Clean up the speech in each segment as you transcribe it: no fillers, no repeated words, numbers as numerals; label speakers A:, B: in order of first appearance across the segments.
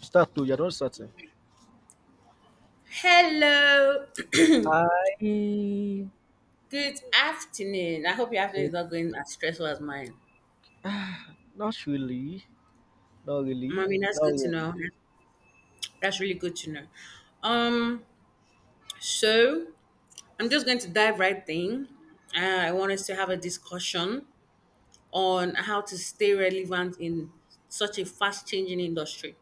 A: Start to you're not starting.
B: Hello.
A: I
B: Good afternoon. I hope your afternoon is
A: Like,
B: not going as stressful as mine.
A: not really. Not really.
B: Mommy, that's
A: Not
B: good to
A: really.
B: know. That's really good to know. Um, so I'm just going to dive right in. I want us to have a discussion on how to stay relevant in such a fast changing industry.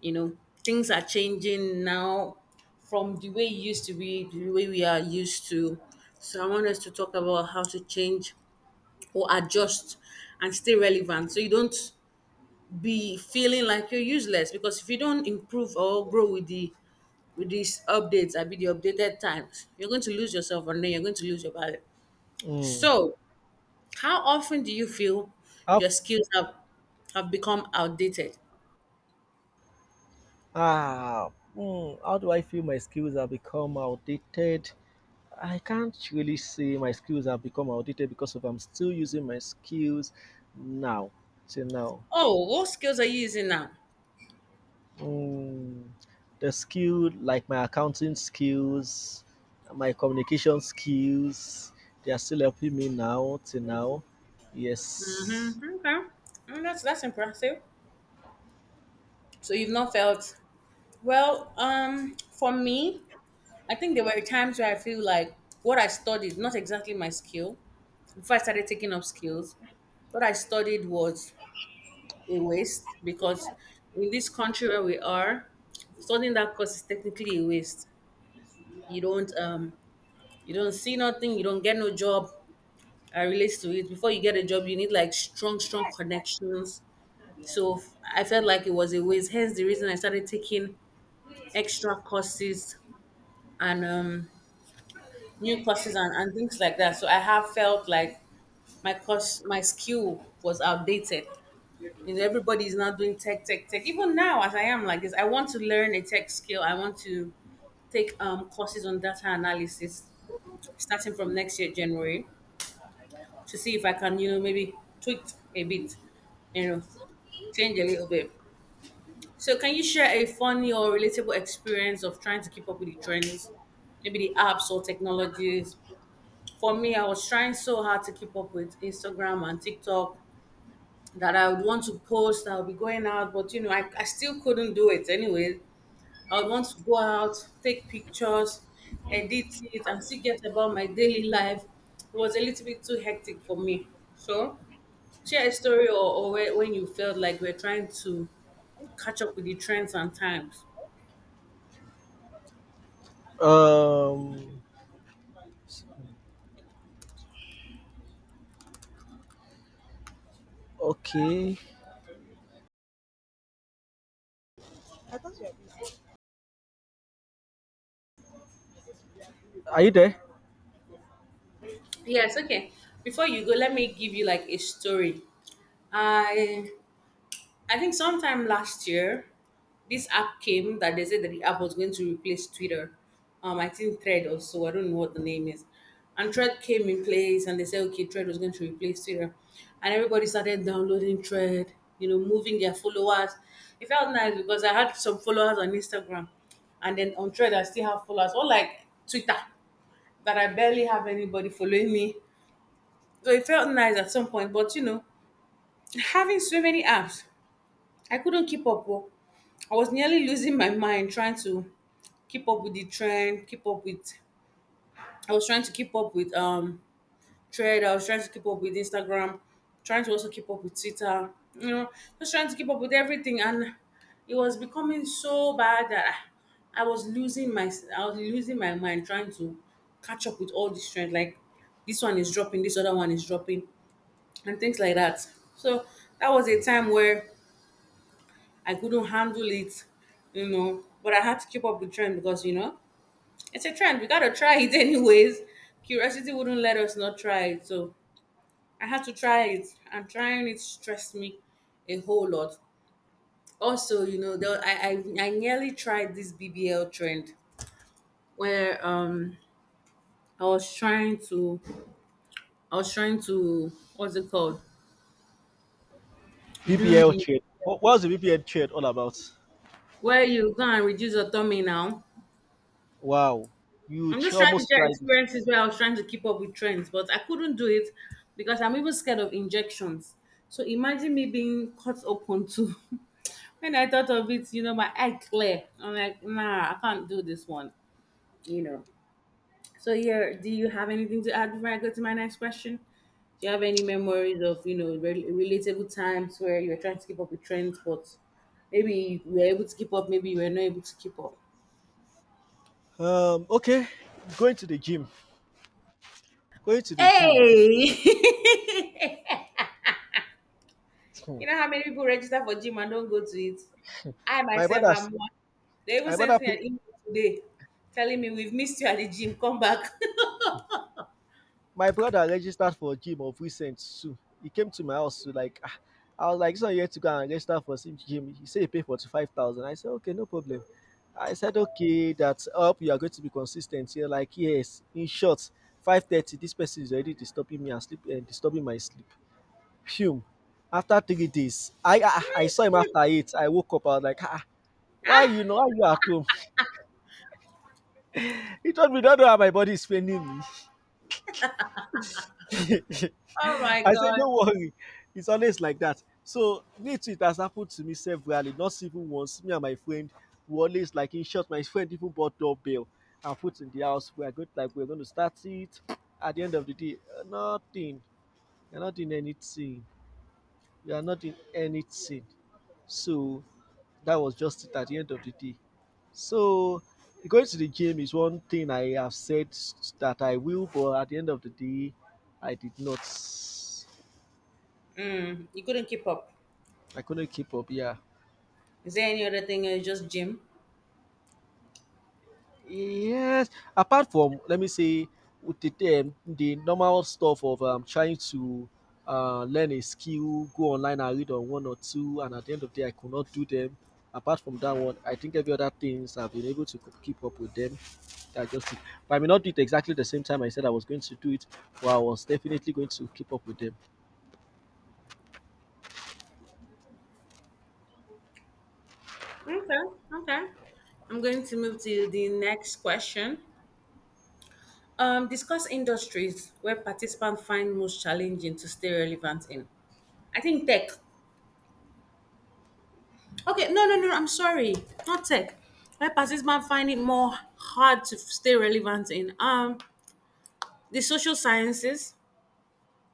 B: You know, things are changing now from the way it used to be, the way we are used to. So I want us to talk about how to change or adjust and stay relevant so you don't be feeling like you're useless because if you don't improve or grow with the with these updates I be the updated times you're going to lose yourself and then you're going to lose your value
A: Mm.
B: so how often do you feel
A: How,
B: your skills have become outdated?
A: ah, how do I feel my skills have become outdated? I can't really say my skills have become outdated because if I'm still using my skills now, till now.
B: Oh, what skills are you using now?
A: Mm, the skill, like my accounting skills, my communication skills, they are still helping me now, till now. Yes.
B: Mm-hmm. Okay. Mm, that's impressive. So you've not felt, well, for me, I think there were times where I feel like what I studied, not exactly my skill, before I started taking up skills, what I studied was a waste because in this country where we are, studying that course is technically a waste. You don't um you don't see nothing, you don't get no job. I relate to it. Before you get a job, you need like strong, strong connections. So I felt like it was a waste. Hence the reason I started taking extra courses and new courses and things like that. So I have felt like my course, my skill was outdated. You know, everybody is now doing tech, tech, tech. Even now, as I am like this, I want to learn a tech skill. I want to take courses on data analysis starting from next year, January, to see if I can, you know, maybe tweak a bit, you know, change a little bit. So, can you share a funny or relatable experience of trying to keep up with the trends, maybe the apps or technologies? For me, I was trying so hard to keep up with Instagram and TikTok that I would want to post, I would be going out, but you know, I still couldn't do it anyway. I would want to go out, take pictures, edit it, and still get about my daily life. It was a little bit too hectic for me. So, share a story, or where, when you felt like we're trying to catch up with the trends and times.
A: Um. Okay. Are you there?
B: Yes, okay. Before you go, let me give you like a story. I I think sometime last year, this app came that they said that the app was going to replace Twitter. I think Thread also. I don't know what the name is. And Thread came in place, and they said, okay, Thread was going to replace Twitter, and everybody started downloading Thread. You know, moving their followers. It felt nice because I had some followers on Instagram, and then on Thread I still have followers. Or like Twitter, that I barely have anybody following me. So it felt nice at some point, but you know, having so many apps I couldn't keep up. Oh. I was nearly losing my mind trying to keep up with the trend, keep up with, I was trying to keep up with trend, I was trying to keep up with Instagram, trying to also keep up with Twitter, you know, just trying to keep up with everything and it was becoming so bad that I was losing my, I was losing my mind trying to catch up with all this trend like this one is dropping, this other one is dropping and things like that. So that was a time where I couldn't handle it, you know. But I had to keep up the trend because you know it's a trend. We gotta try it anyways. Curiosity wouldn't let us not try it, so I had to try it. And trying it stressed me a whole lot. Also, you know, there, I nearly tried this BBL trend where I was trying to, I was trying to, what's it called, do
A: BBL
B: the,
A: trade. What was the BBL trade all about?
B: where you go and reduce your tummy now.
A: Wow. You
B: I'm just trying to
A: almost
B: share
A: tried it.
B: experiences where I was trying to keep up with trends, but I couldn't do it because I'm even scared of injections. So imagine me being cut open to. When I thought of it, you know, my eye clear. I'm like, nah, I can't do this one. You know. So yeah, do you have anything to add before I go to my next question? Do you have any memories of rel relatable times where you were trying to keep up with trends, but maybe you were able to keep up, maybe you were not able to keep up?
A: Okay. Going to the gym. Going to the gym.
B: Hey! You know how many people register for gym and don't go to it? I
A: My
B: myself am
A: brothers.
B: one. They even
A: My brother.
B: sent me
A: Pay.
B: an email today telling me we've missed you at the gym. Come back.
A: My brother registered for gym of recent too. He came to my house to like. I was like, "This one you had to go and register for some gym." He said he paid 45,000. I said, "Okay, no problem." I said, "Okay, that's up. You are going to be consistent." You're like, "Yes." In short, 5:30. This person is already disturbing me and sleep and disturbing my sleep. Fume. After 3 days, I saw him after eight. I woke up. I was like, "Ah, ah, why you know why you at home?" He told me, "Don't know how my body is paining me."
B: Oh my
A: I said,
B: god.
A: don't worry. It's always like that. So me too, it has happened to me severally, not even once. Me and my friend we always like in short, my friend even bought doorbell and put in the house. We're good, like we're gonna start it. At the end of the day, nothing. We're not doing anything. We are not doing anything. So that was just it at the end of the day. So going to the gym is one thing I have said that I will, but at the end of the day, I did not.
B: Mm, you couldn't keep up.
A: I couldn't keep up. Yeah.
B: Is there any other thing? It's just gym.
A: Yes, apart from let me say with the normal stuff of trying to learn a skill, go online and read on one or two, and at the end of the day, I could not do them. Apart from that one, I think every other things I've been able to keep up with them. I just, but I may not do it exactly the same time I said I was going to do it, but I was definitely going to keep up with them.
B: Okay. Okay. I'm going to move to the next question. Discuss industries where participants find most challenging to stay relevant in. I think tech. Okay, no, no, no. I'm sorry, not tech. Why parties man find it more hard to stay relevant in the social sciences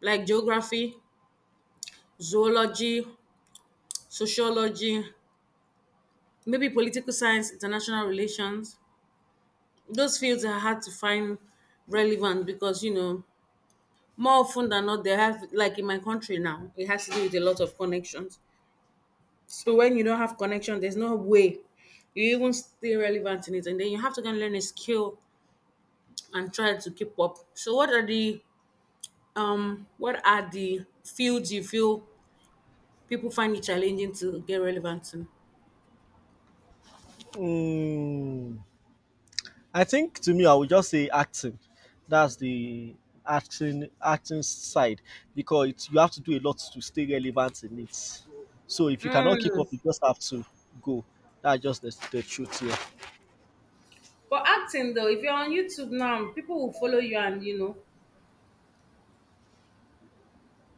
B: like geography, zoology, sociology, maybe political science, international relations. Those fields are hard to find relevant because you know more often than not they have like in my country now it has to do with a lot of connections. So when you don't have connection, there's no way you even stay relevant in it, and then you have to go and learn a skill and try to keep up. So what are the fields you feel people find it challenging to get relevant in?
A: Mm. I think to me, I would just say acting. That's the acting side because it's, you have to do a lot to stay relevant in it. So if you cannot keep
B: Mm.
A: up, you just have to go. That's just the truth here.
B: But acting though, if you're on YouTube now, people will follow you and you know,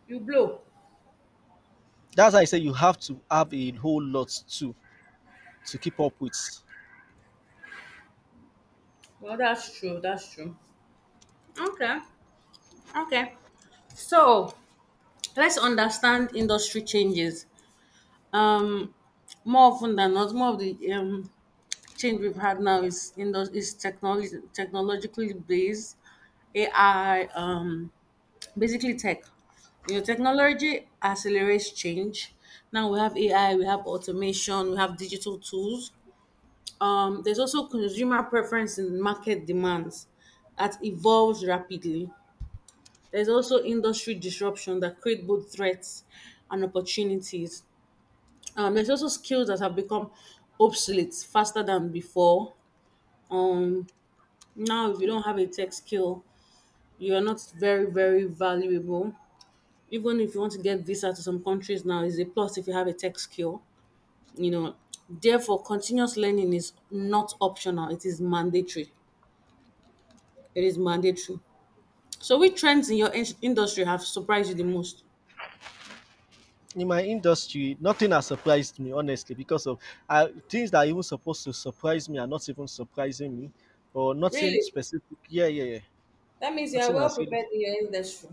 B: you blow.
A: That's why I say you have to have a whole lot to keep up with.
B: Well, that's true. That's true. Okay. Okay. So let's understand industry changes. Um, More often than not, more of the change we've had now is is technology technologically based, AI. Basically tech. You know, technology accelerates change. Now we have AI, we have automation, we have digital tools. There's also consumer preference and market demands that evolves rapidly. There's also industry disruption that create both threats and opportunities. There's also skills that have become obsolete faster than before. Now, if you don't have a tech skill, you are not very, very valuable. Even if you want to get visa to some countries now is a plus if you have a tech skill, you know, therefore continuous learning is not optional, it is mandatory, it is mandatory. So which trends in your industry have surprised you the most?
A: In my industry, nothing has surprised me honestly because of things that are even supposed to surprise me are not even surprising me, or nothing
B: Really?
A: specific. Yeah, yeah, yeah.
B: That means you are
A: Nothing
B: well
A: has really.
B: prepared in your industry.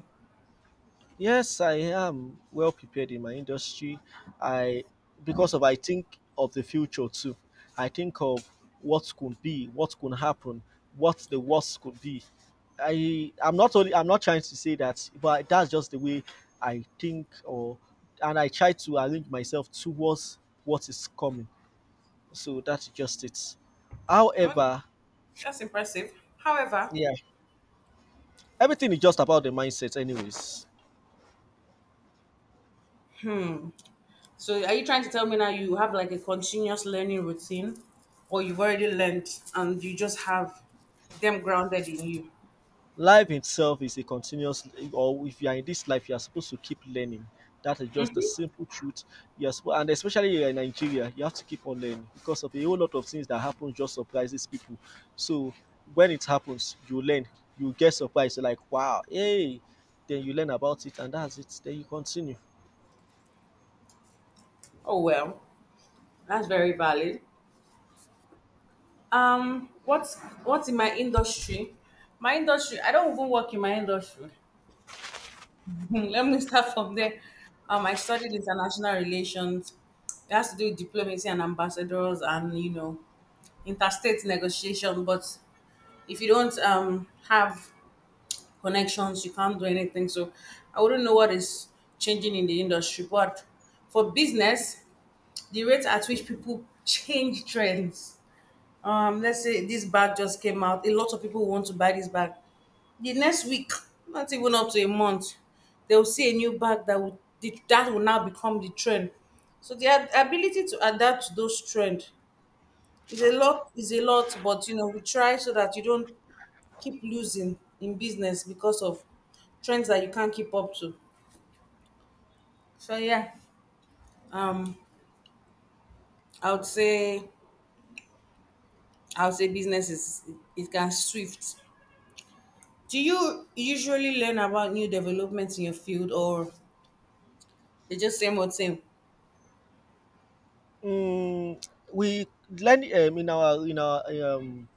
A: Yes, I am well prepared in my industry. I Because of I think of the future too. I think of what could be, what could happen, what the worst could be. I'm not trying to say that, but that's just the way I think, or and I try to arrange myself towards what is coming. So that's just it. However, yeah, everything is just about the mindset anyways.
B: So are you trying to tell me now you have like a continuous learning routine, or you've already learned and you just have them grounded in you?
A: Life itself is a continuous, or if you are in this life you are supposed to keep learning. That is just the simple truth. Yes, and especially you are in Nigeria, you have to keep on learning because of a whole lot of things that happen just surprises people. So when it happens you learn, you get surprised, you're like, wow, hey, then you learn about it and that's it, then you continue.
B: Oh well, that's very valid. What's in my industry? My industry, I don't even work in my industry. Let me start from there. I studied international relations. It has to do with diplomacy and ambassadors and you know, interstate negotiation. But if you don't have connections, you can't do anything. So I wouldn't know what is changing in the industry. But for business, the rate at which people change trends, let's say this bag just came out, a lot of people want to buy this bag, the next week, not even up to a month, they will see a new bag that will now become the trend. So the ability to adapt to those trend is a lot, is a lot, but you know we try so that you don't keep losing in business because of trends that you can't keep up to. So yeah, i would say I would say business is, it can shift. Do you usually learn about new developments in your field, or they just same old same?
A: Mm, we learn in our in our um,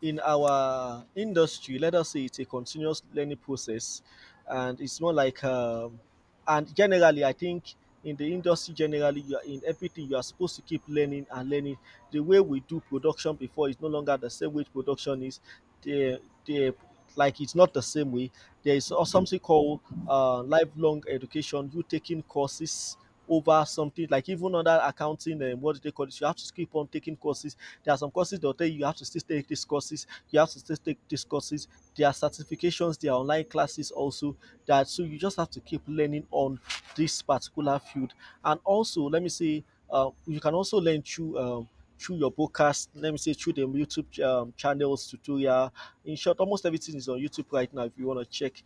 A: in our industry, let us say it's a continuous learning process, and it's more like, and generally, I think in the industry generally, you are in everything you are supposed to keep learning and learning. The way we do production before is no longer the same way production is. The like it's not the same way. There is also something called lifelong education. You taking courses over something like even under accounting and what do they call it, you have to keep on taking courses. There are some courses they'll tell you you have to still take these courses. You have to still take these courses. There are certifications, there are online classes also, that so you just have to keep learning on this particular field. And also let me say you can also learn through your podcast. Let me say through the YouTube channels tutorial. In short almost everything is on YouTube right now if you want to check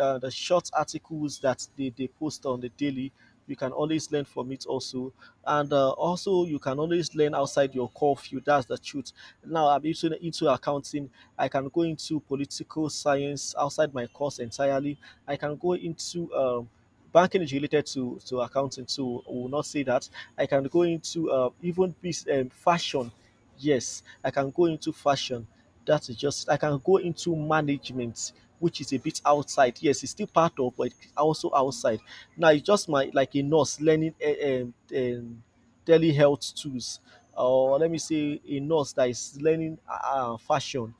A: the short articles that they post on the daily. You can always learn from it also. And also you can always learn outside your core field. That's the truth. Now I'm into accounting. I can go into political science outside my course entirely. I can go into banking is related to accounting, so we will not say that. I can go into even this fashion. Yes I can go into fashion. That is just I can go into management, which is a bit outside. Yes it's still part of but it's also outside. Now it's just my, like a nurse learning telehealth tools, or let me say a nurse that is learning fashion,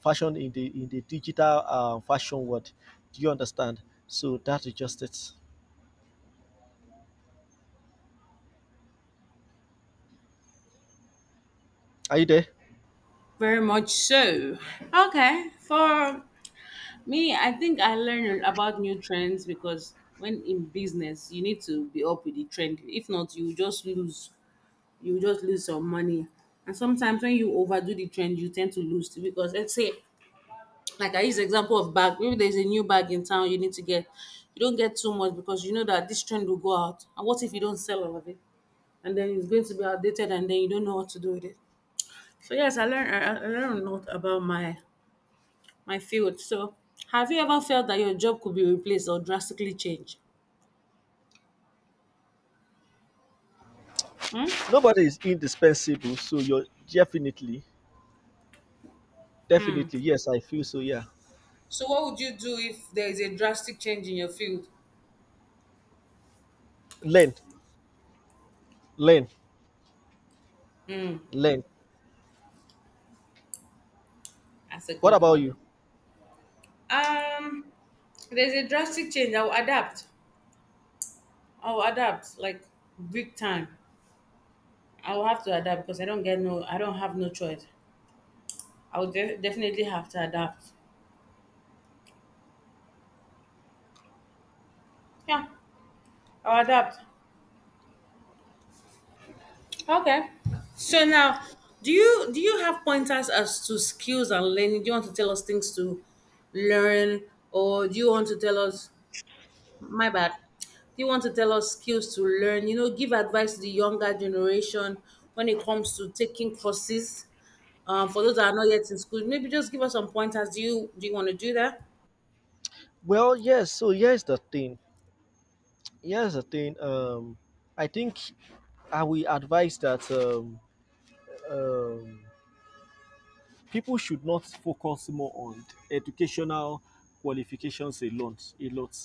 A: fashion in the digital fashion world. Do you understand? So that is just it. Are you there?
B: Very much so. Okay, for me, I think I learn about new trends because when in business, you need to be up with the trend. If not, you just lose. You just lose some money. And sometimes when you overdo the trend, you tend to lose too because let's say, like I use example of bag. Maybe there's a new bag in town you need to get. You don't get too much because you know that this trend will go out. And what if you don't sell all of it? And then it's going to be outdated and then you don't know what to do with it. So yes, I learned a lot about my my field. So have you ever felt that your job could be replaced or drastically changed? Hmm?
A: Nobody is indispensable, so you're definitely, definitely, yes, I feel so. Yeah,
B: So what would you do if there is a drastic change in your field?
A: learn, learn, learn.
B: That's a
A: What
B: good
A: about
B: one.
A: you?
B: Um, there's a drastic change. I'll adapt. I'll adapt like big time. I'll have to adapt because I don't get no. I don't have no choice. Definitely have to adapt. Yeah, I'll adapt. Okay. So now, do you have pointers as to skills and learning? Do you want to tell us things to learn, or do you want to tell us? My bad. Do you want to tell us skills to learn? You know, give advice to the younger generation when it comes to taking courses. For those that are not yet in school, maybe just give us some pointers. Do you want to do that?
A: Well, yes. So here's the thing. Here's the thing. I think I will advise that um, people should not focus more on educational qualifications a lot. A lot.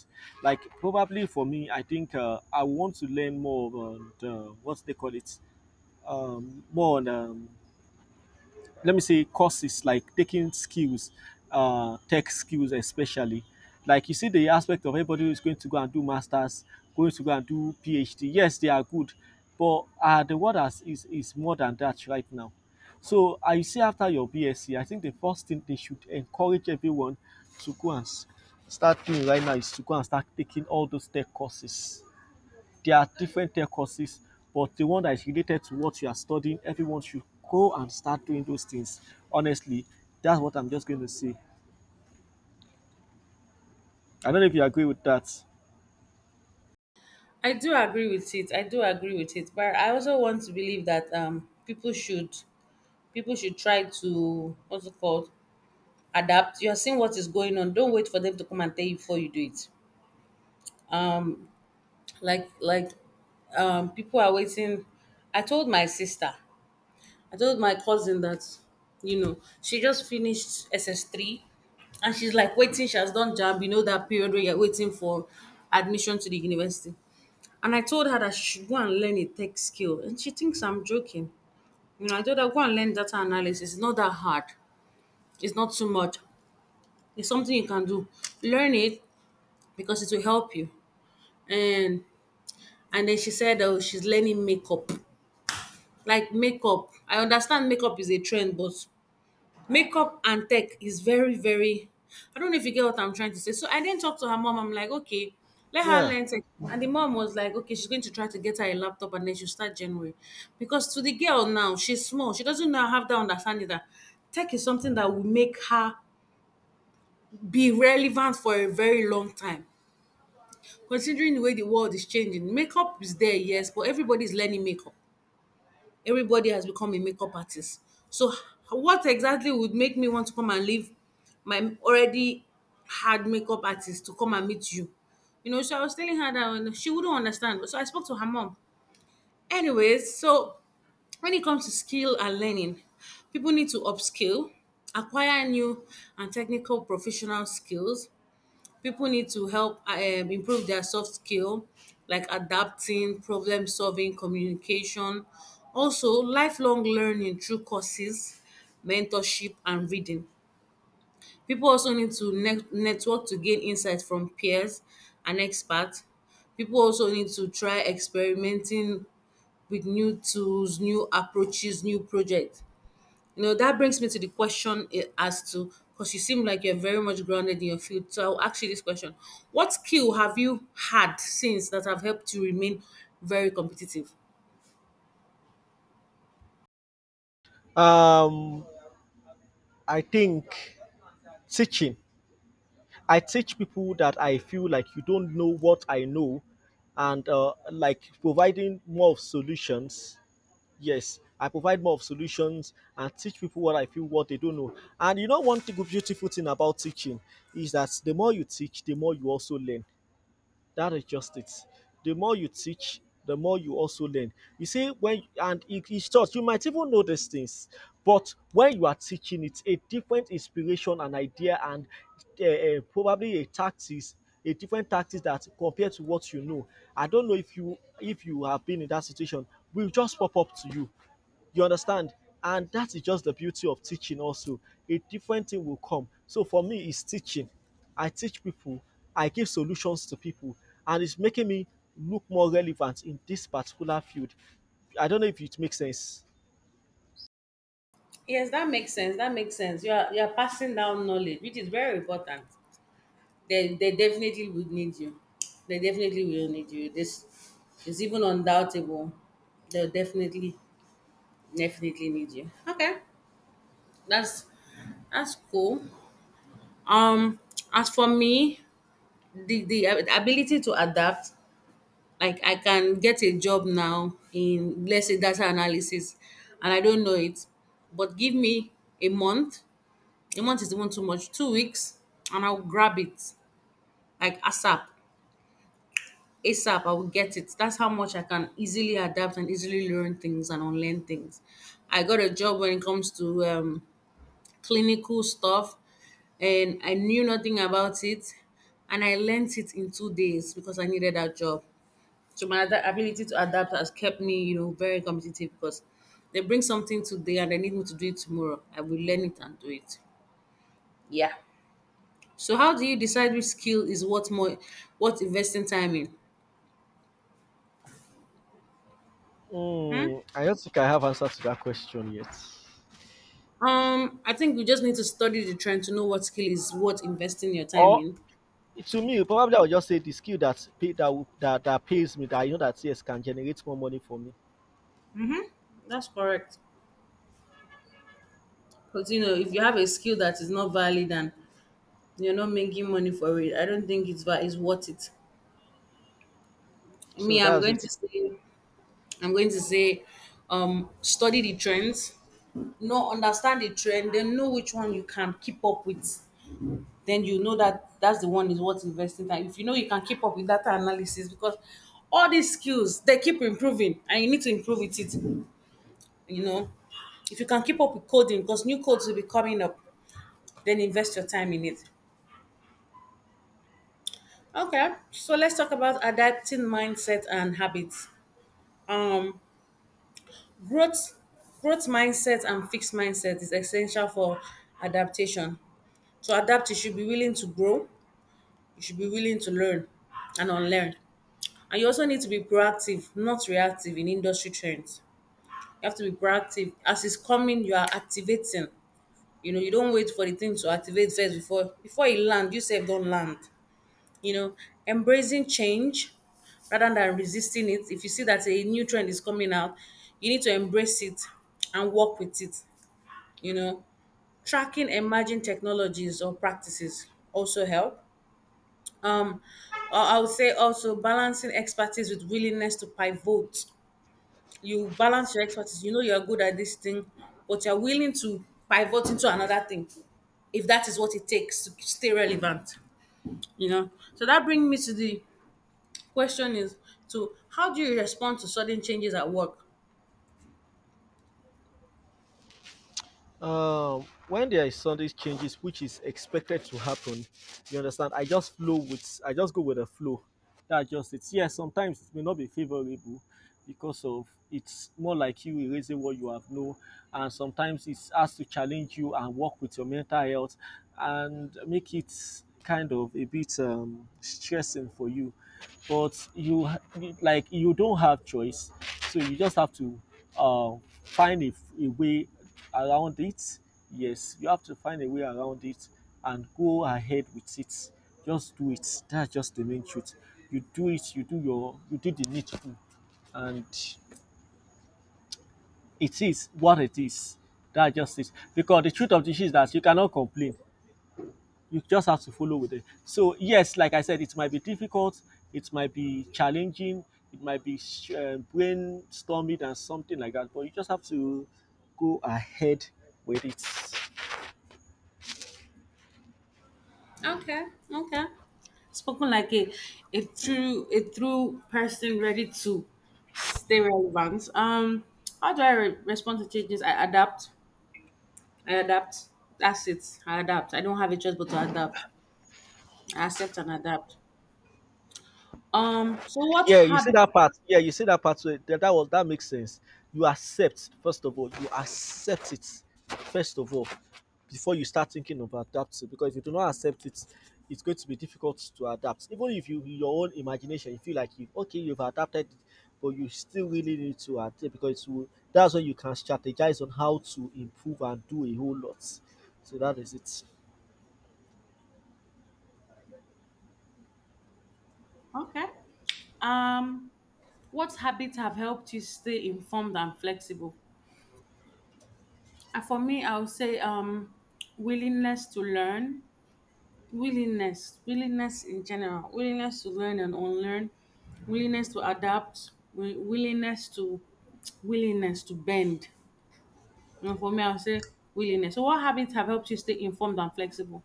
A: Like probably for me, I think I want to learn more on the, what they call it, more on let me say courses like taking skills, tech skills especially. Like you see the aspect of everybody who is going to go and do masters, going to go and do PhD. Yes, they are good, but the world has, is more than that right now. So I see after your BSc, I think the first thing they should encourage everyone to go and start doing right now is to go and start taking all those tech courses. There are different tech courses, but the one that is related to what you are studying, everyone should go and start doing those things. Honestly, that's what I'm just going to say. I don't know if you agree with that.
B: I do agree with it. I do agree with it, but I also want to believe that people should try to what's it called adapt. You're seeing what is going on. Don't wait for them to come and tell you before you do it. Like people are waiting. I told my sister, I told my cousin that, you know, she just finished SS3 and she's like waiting, she has done jab, you know, that period where you're waiting for admission to the university. And I told her that she should go and learn a tech skill. And she thinks I'm joking. You know, I told her go and learn data analysis. It's not that hard. It's not too much. It's something you can do. Learn it because it will help you. And and then she said oh she's learning makeup, like makeup. I understand makeup is a trend, but makeup and tech is very very, I don't know if you get what I'm trying to say. So I didn't talk to her mom. I'm like okay, let her
A: Yeah.
B: learn tech. And the mom was like okay, she's going to try to get her a laptop and then she'll start January, because to the girl now she's small, she doesn't now have that understanding that tech is something that will make her be relevant for a very long time considering the way the world is changing. Makeup is there, yes, but everybody's learning makeup. Everybody has become a makeup artist. So, what exactly would make me want to come and leave my already hard makeup artist to come and meet you? You know, so I was telling her that and she wouldn't understand. So I spoke to her mom. Anyways, so when it comes to skill and learning, people need to upskill, acquire new and technical professional skills, people need to help improve their soft skill like adapting, problem solving, communication, also lifelong learning through courses, mentorship and reading. People also need to network to gain insight from peers and experts. People also need to try experimenting with new tools, new approaches, new projects. You know, that brings me to the question eh, as to, because you seem like you're very much grounded in your field. So I'll ask you this question. What skill have you had since that have helped you remain very competitive?
A: Um, I think teaching. I teach people that I feel like you don't know what I know, and like providing more of solutions. Yes, I provide more of solutions and teach people what I feel what they don't know. And you know, one thing, beautiful thing about teaching is that the more you teach, the more you also learn. That is just it. The more you teach, the more you also learn. You see, when and in each you might even know these things, but when you are teaching, it's a different inspiration and idea, and probably a tactics, a different tactics that compared to what you know. I don't know if you have been in that situation, will just pop up to you. You understand? And that is just the beauty of teaching, also. A different thing will come. So for me, it's teaching. I teach people, I give solutions to people, and it's making me look more relevant in this particular field. I don't know if it makes sense.
B: Yes, that makes sense. That makes sense. You are passing down knowledge, which is very important. They definitely would need you. They definitely will need you. This is even undoubtable. They'll definitely definitely need you. Okay, that's that's cool. Um, as for me, the ability to adapt, like I can get a job now in let's say data analysis, and I don't know it, but give me a month. A month is even too much. 2 weeks, and I'll grab it like ASAP. ASAP, I will get it. That's how much I can easily adapt and easily learn things and unlearn things. I got a job when it comes to clinical stuff and I knew nothing about it and I learned it in 2 days because I needed that job. So ability to adapt has kept me, you know, very competitive because they bring something today and they need me to do it tomorrow. I will learn it and do it. Yeah. So how do you decide which skill is what more, what investing time in?
A: I don't think I have answer to that question yet.
B: I think you just need to study the trend to know what skill is worth investing your time
A: Or
B: in.
A: to me, probably I would just say the skill that pay that, that that pays me that I know that yes can generate more money for me.
B: That's correct. Because you know, if you have a skill that is not valid and you're not making money for it, I don't think it's worth it.
A: So
B: Me, I'm
A: that's
B: going to
A: it.
B: say, I'm going to say, study the trends. No, understand the trend. Then know which one you can keep up with. Then you know that that's the one is worth investing time. If you know you can keep up with data analysis, because all these skills they keep improving, and you need to improve with it. You know, if you can keep up with coding, because new codes will be coming up, then invest your time in it. Okay, so let's talk about adapting mindset and habits. um growth Growth mindset and fixed mindset is essential for adaptation. To adapt you should be willing to grow, you should be willing to learn and unlearn, and you also need to be proactive, not reactive in industry trends. You have to be proactive. As it's coming you are activating. You know, you don't wait for the thing to activate first before it land you sef don land. You know, embracing change rather than resisting it. If you see that a new trend is coming out, you need to embrace it and work with it. You know, tracking emerging technologies or practices also help. um I would say also balancing expertise with willingness to pivot. You balance your expertise. You know you're good at this thing, but you're willing to pivot into another thing if that is what it takes to stay relevant. You know, so that brings me to the question, is to how do you respond to sudden changes at work?
A: um when there is sunday changes which is expected to happen, you understand, I just go with the flow. That's just it. Yes, sometimes it may not be favorable because of, it's more like you erasing what you have known, and sometimes it has to challenge you and work with your mental health and make it kind of a bit stressing for you, but like you don't have choice. So you just have to uh, find a way around it. Yes, you have to find a way around it and go ahead with it. Just do it. That's just the main truth. You do it, you do the needful, and it is what it is. That's just it, because the truth of the issue is that you cannot complain. You just have to follow with it. So yes, like I said, it might be difficult, it might be challenging, it might be brainstorming and something like that, but you just have to go ahead with it.
B: Okay, okay. Spoken like a a true person ready to stay relevant. How do I re- respond to changes? I adapt. I adapt. That's it. I adapt. I don't have a choice but to adapt. I accept and adapt. So what
A: Yeah, you see
B: habit?
A: that part. Yeah, you see that part. So that was, that makes sense. You accept first of all. You accept it first of all before you start thinking of adapting. Because if you do not accept it, it's going to be difficult to adapt. Even if you, in your own imagination, you feel like you okay, you've adapted it, but you still really need to adapt, because it, that's when you can strategize on how to improve and do a whole lot. So that is it.
B: Okay. Um, what habits have helped you stay informed and flexible? And for me, I would say willingness to learn, willingness in general, willingness to learn and unlearn, willingness to adapt, willingness to willingness to bend. You know, for me I'll say willingness. So what habits have helped you stay informed and flexible?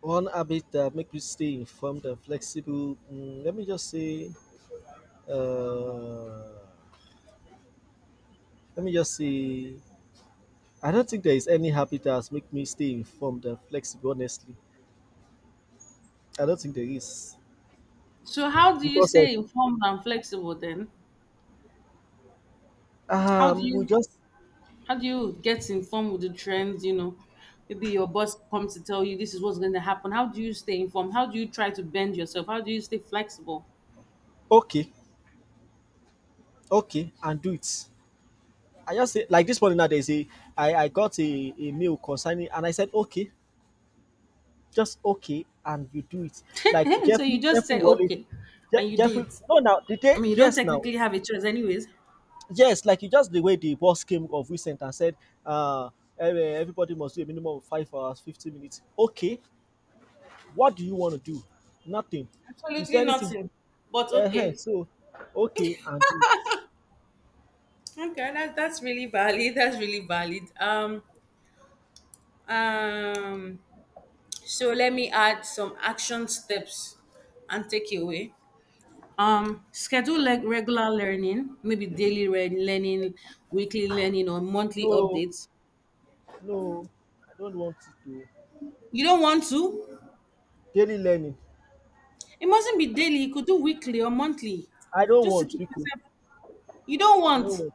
A: One habit that make you stay informed and flexible. Mm, let me just say, Uh, let me just see. I don't think there is any habit that has made me stay informed and flexible. Honestly, I don't think there is,
B: So how do you
A: because of,
B: stay informed and flexible then? how do
A: we
B: you
A: just,
B: how do you get informed with the trends, you know, maybe your boss comes to tell you this is what's going to happen? How do you stay informed? How do you try to bend yourself? How do you stay flexible?
A: okay, okay, and do it. I just say, like this morning now, there's a, I got a mail concerning, and I said okay, just okay, and you do it. Like
B: So you
A: Jeffrey
B: just
A: Jeffrey
B: say
A: Wallace.
B: okay and you do
A: Jeffrey,
B: it.
A: no, now the
B: I
A: day,
B: mean, you don't
A: yes, now.
B: technically have a choice, anyways.
A: Yes, like you, just the way the boss came of recent and said, uh, everybody must do a minimum of 5 hours, 50 minutes. Okay, what do you want to do? Nothing. Is
B: Absolutely
A: there anything?
B: nothing. But okay.
A: So, okay, and do it.
B: Okay, that, that's really valid. That's really valid. Um, so let me add some action steps and takeaway. Schedule like regular learning, maybe learning, weekly learning, or monthly
A: No,
B: updates.
A: no, I don't want to do
B: You don't want to?
A: daily learning.
B: It mustn't be daily. You could do weekly or monthly,
A: I don't
B: just to
A: want,
B: keep
A: because
B: yourself. You don't
A: I
B: want.
A: don't want.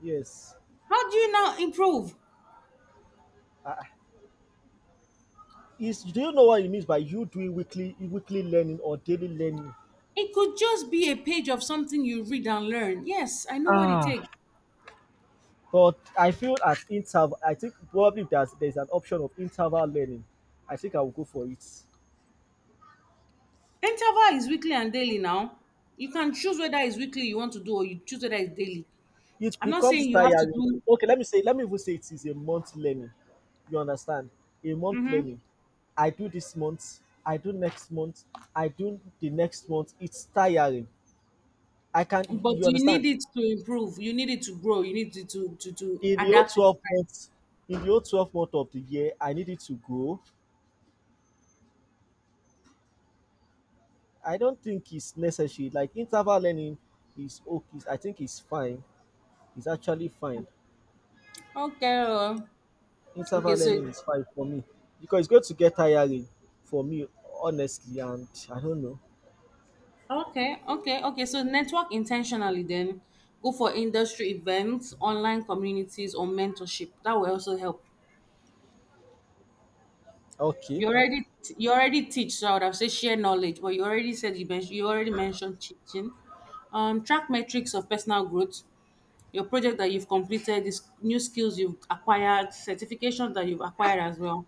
A: Yes.
B: How do you now improve?
A: Uh, is, do you know what it means by you doing weekly learning or daily learning?
B: It could just be a page of something you read and learn. Yes, I know what it
A: Ah,
B: takes.
A: but I feel at interval, I think probably if there's an option of interval learning, I think I will go for it.
B: Interval is weekly and daily now. You can choose whether it's weekly you want to do or you choose whether it's daily.
A: It
B: I'm not
A: becomes
B: saying you have to
A: tiring.
B: do,
A: Okay, let me say, let me even say it is a month learning. You understand? A month
B: Mhm.
A: learning. I do this month, I do next month, I do the next month. It's tiring. I can, you
B: but
A: you
B: you
A: understand?
B: need it to improve. You need it to grow. You need it to
A: In the whole
B: adapt with
A: 12
B: time.
A: months, in the whole 12 month of the year, I need it to grow. I don't think it's necessary. Like interval learning is okay. I think it's fine. Is actually fine.
B: Okay.
A: Interval
B: Okay.
A: learning is fine for me because it's going to get tiring for me, honestly. And I don't know.
B: Okay. So network intentionally then. Go for industry events, online communities, or mentorship. That will also help.
A: Okay.
B: You already you already teach, so I would have said share knowledge, but you already mentioned teaching. Track metrics of personal growth, your project that you've completed, these new skills you've acquired, certification that you've acquired as well.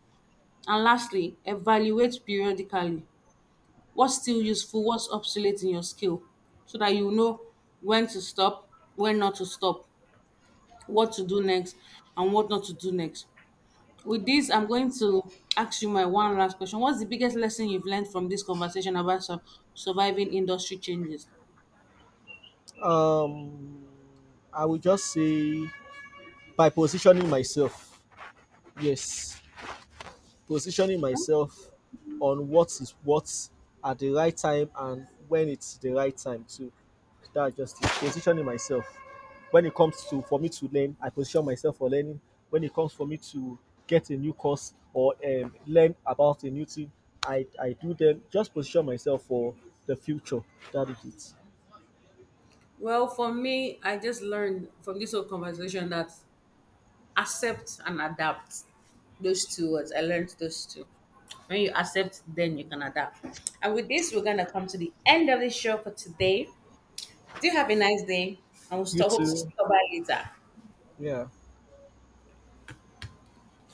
B: And lastly, evaluate periodically. What's still useful, what's obsolete in your skill, so that you know when to stop, when not to stop, what to do next, and what not to do next. With this, I'm going to ask you my one last question. What's the biggest lesson you've learned from this conversation about surviving industry changes?
A: Um, I will just say, by positioning myself. Yes. Positioning myself on what is what at the right time, and when it's the right time to, that's just it. Positioning myself, when it comes to, for me to learn, I position myself for learning. When it comes for me to get a new course or learn about a new thing, I do them, just position myself for the future. That is it.
B: Well, for me, I just learned from this whole conversation that accept and adapt. Those two words. I learned those two. When you accept, then you can adapt. And with this, we're gonna come to the end of the show for today. Do have a nice day, and we'll
A: You
B: stop. Hope to
A: too.
B: stop by later.
A: Yeah.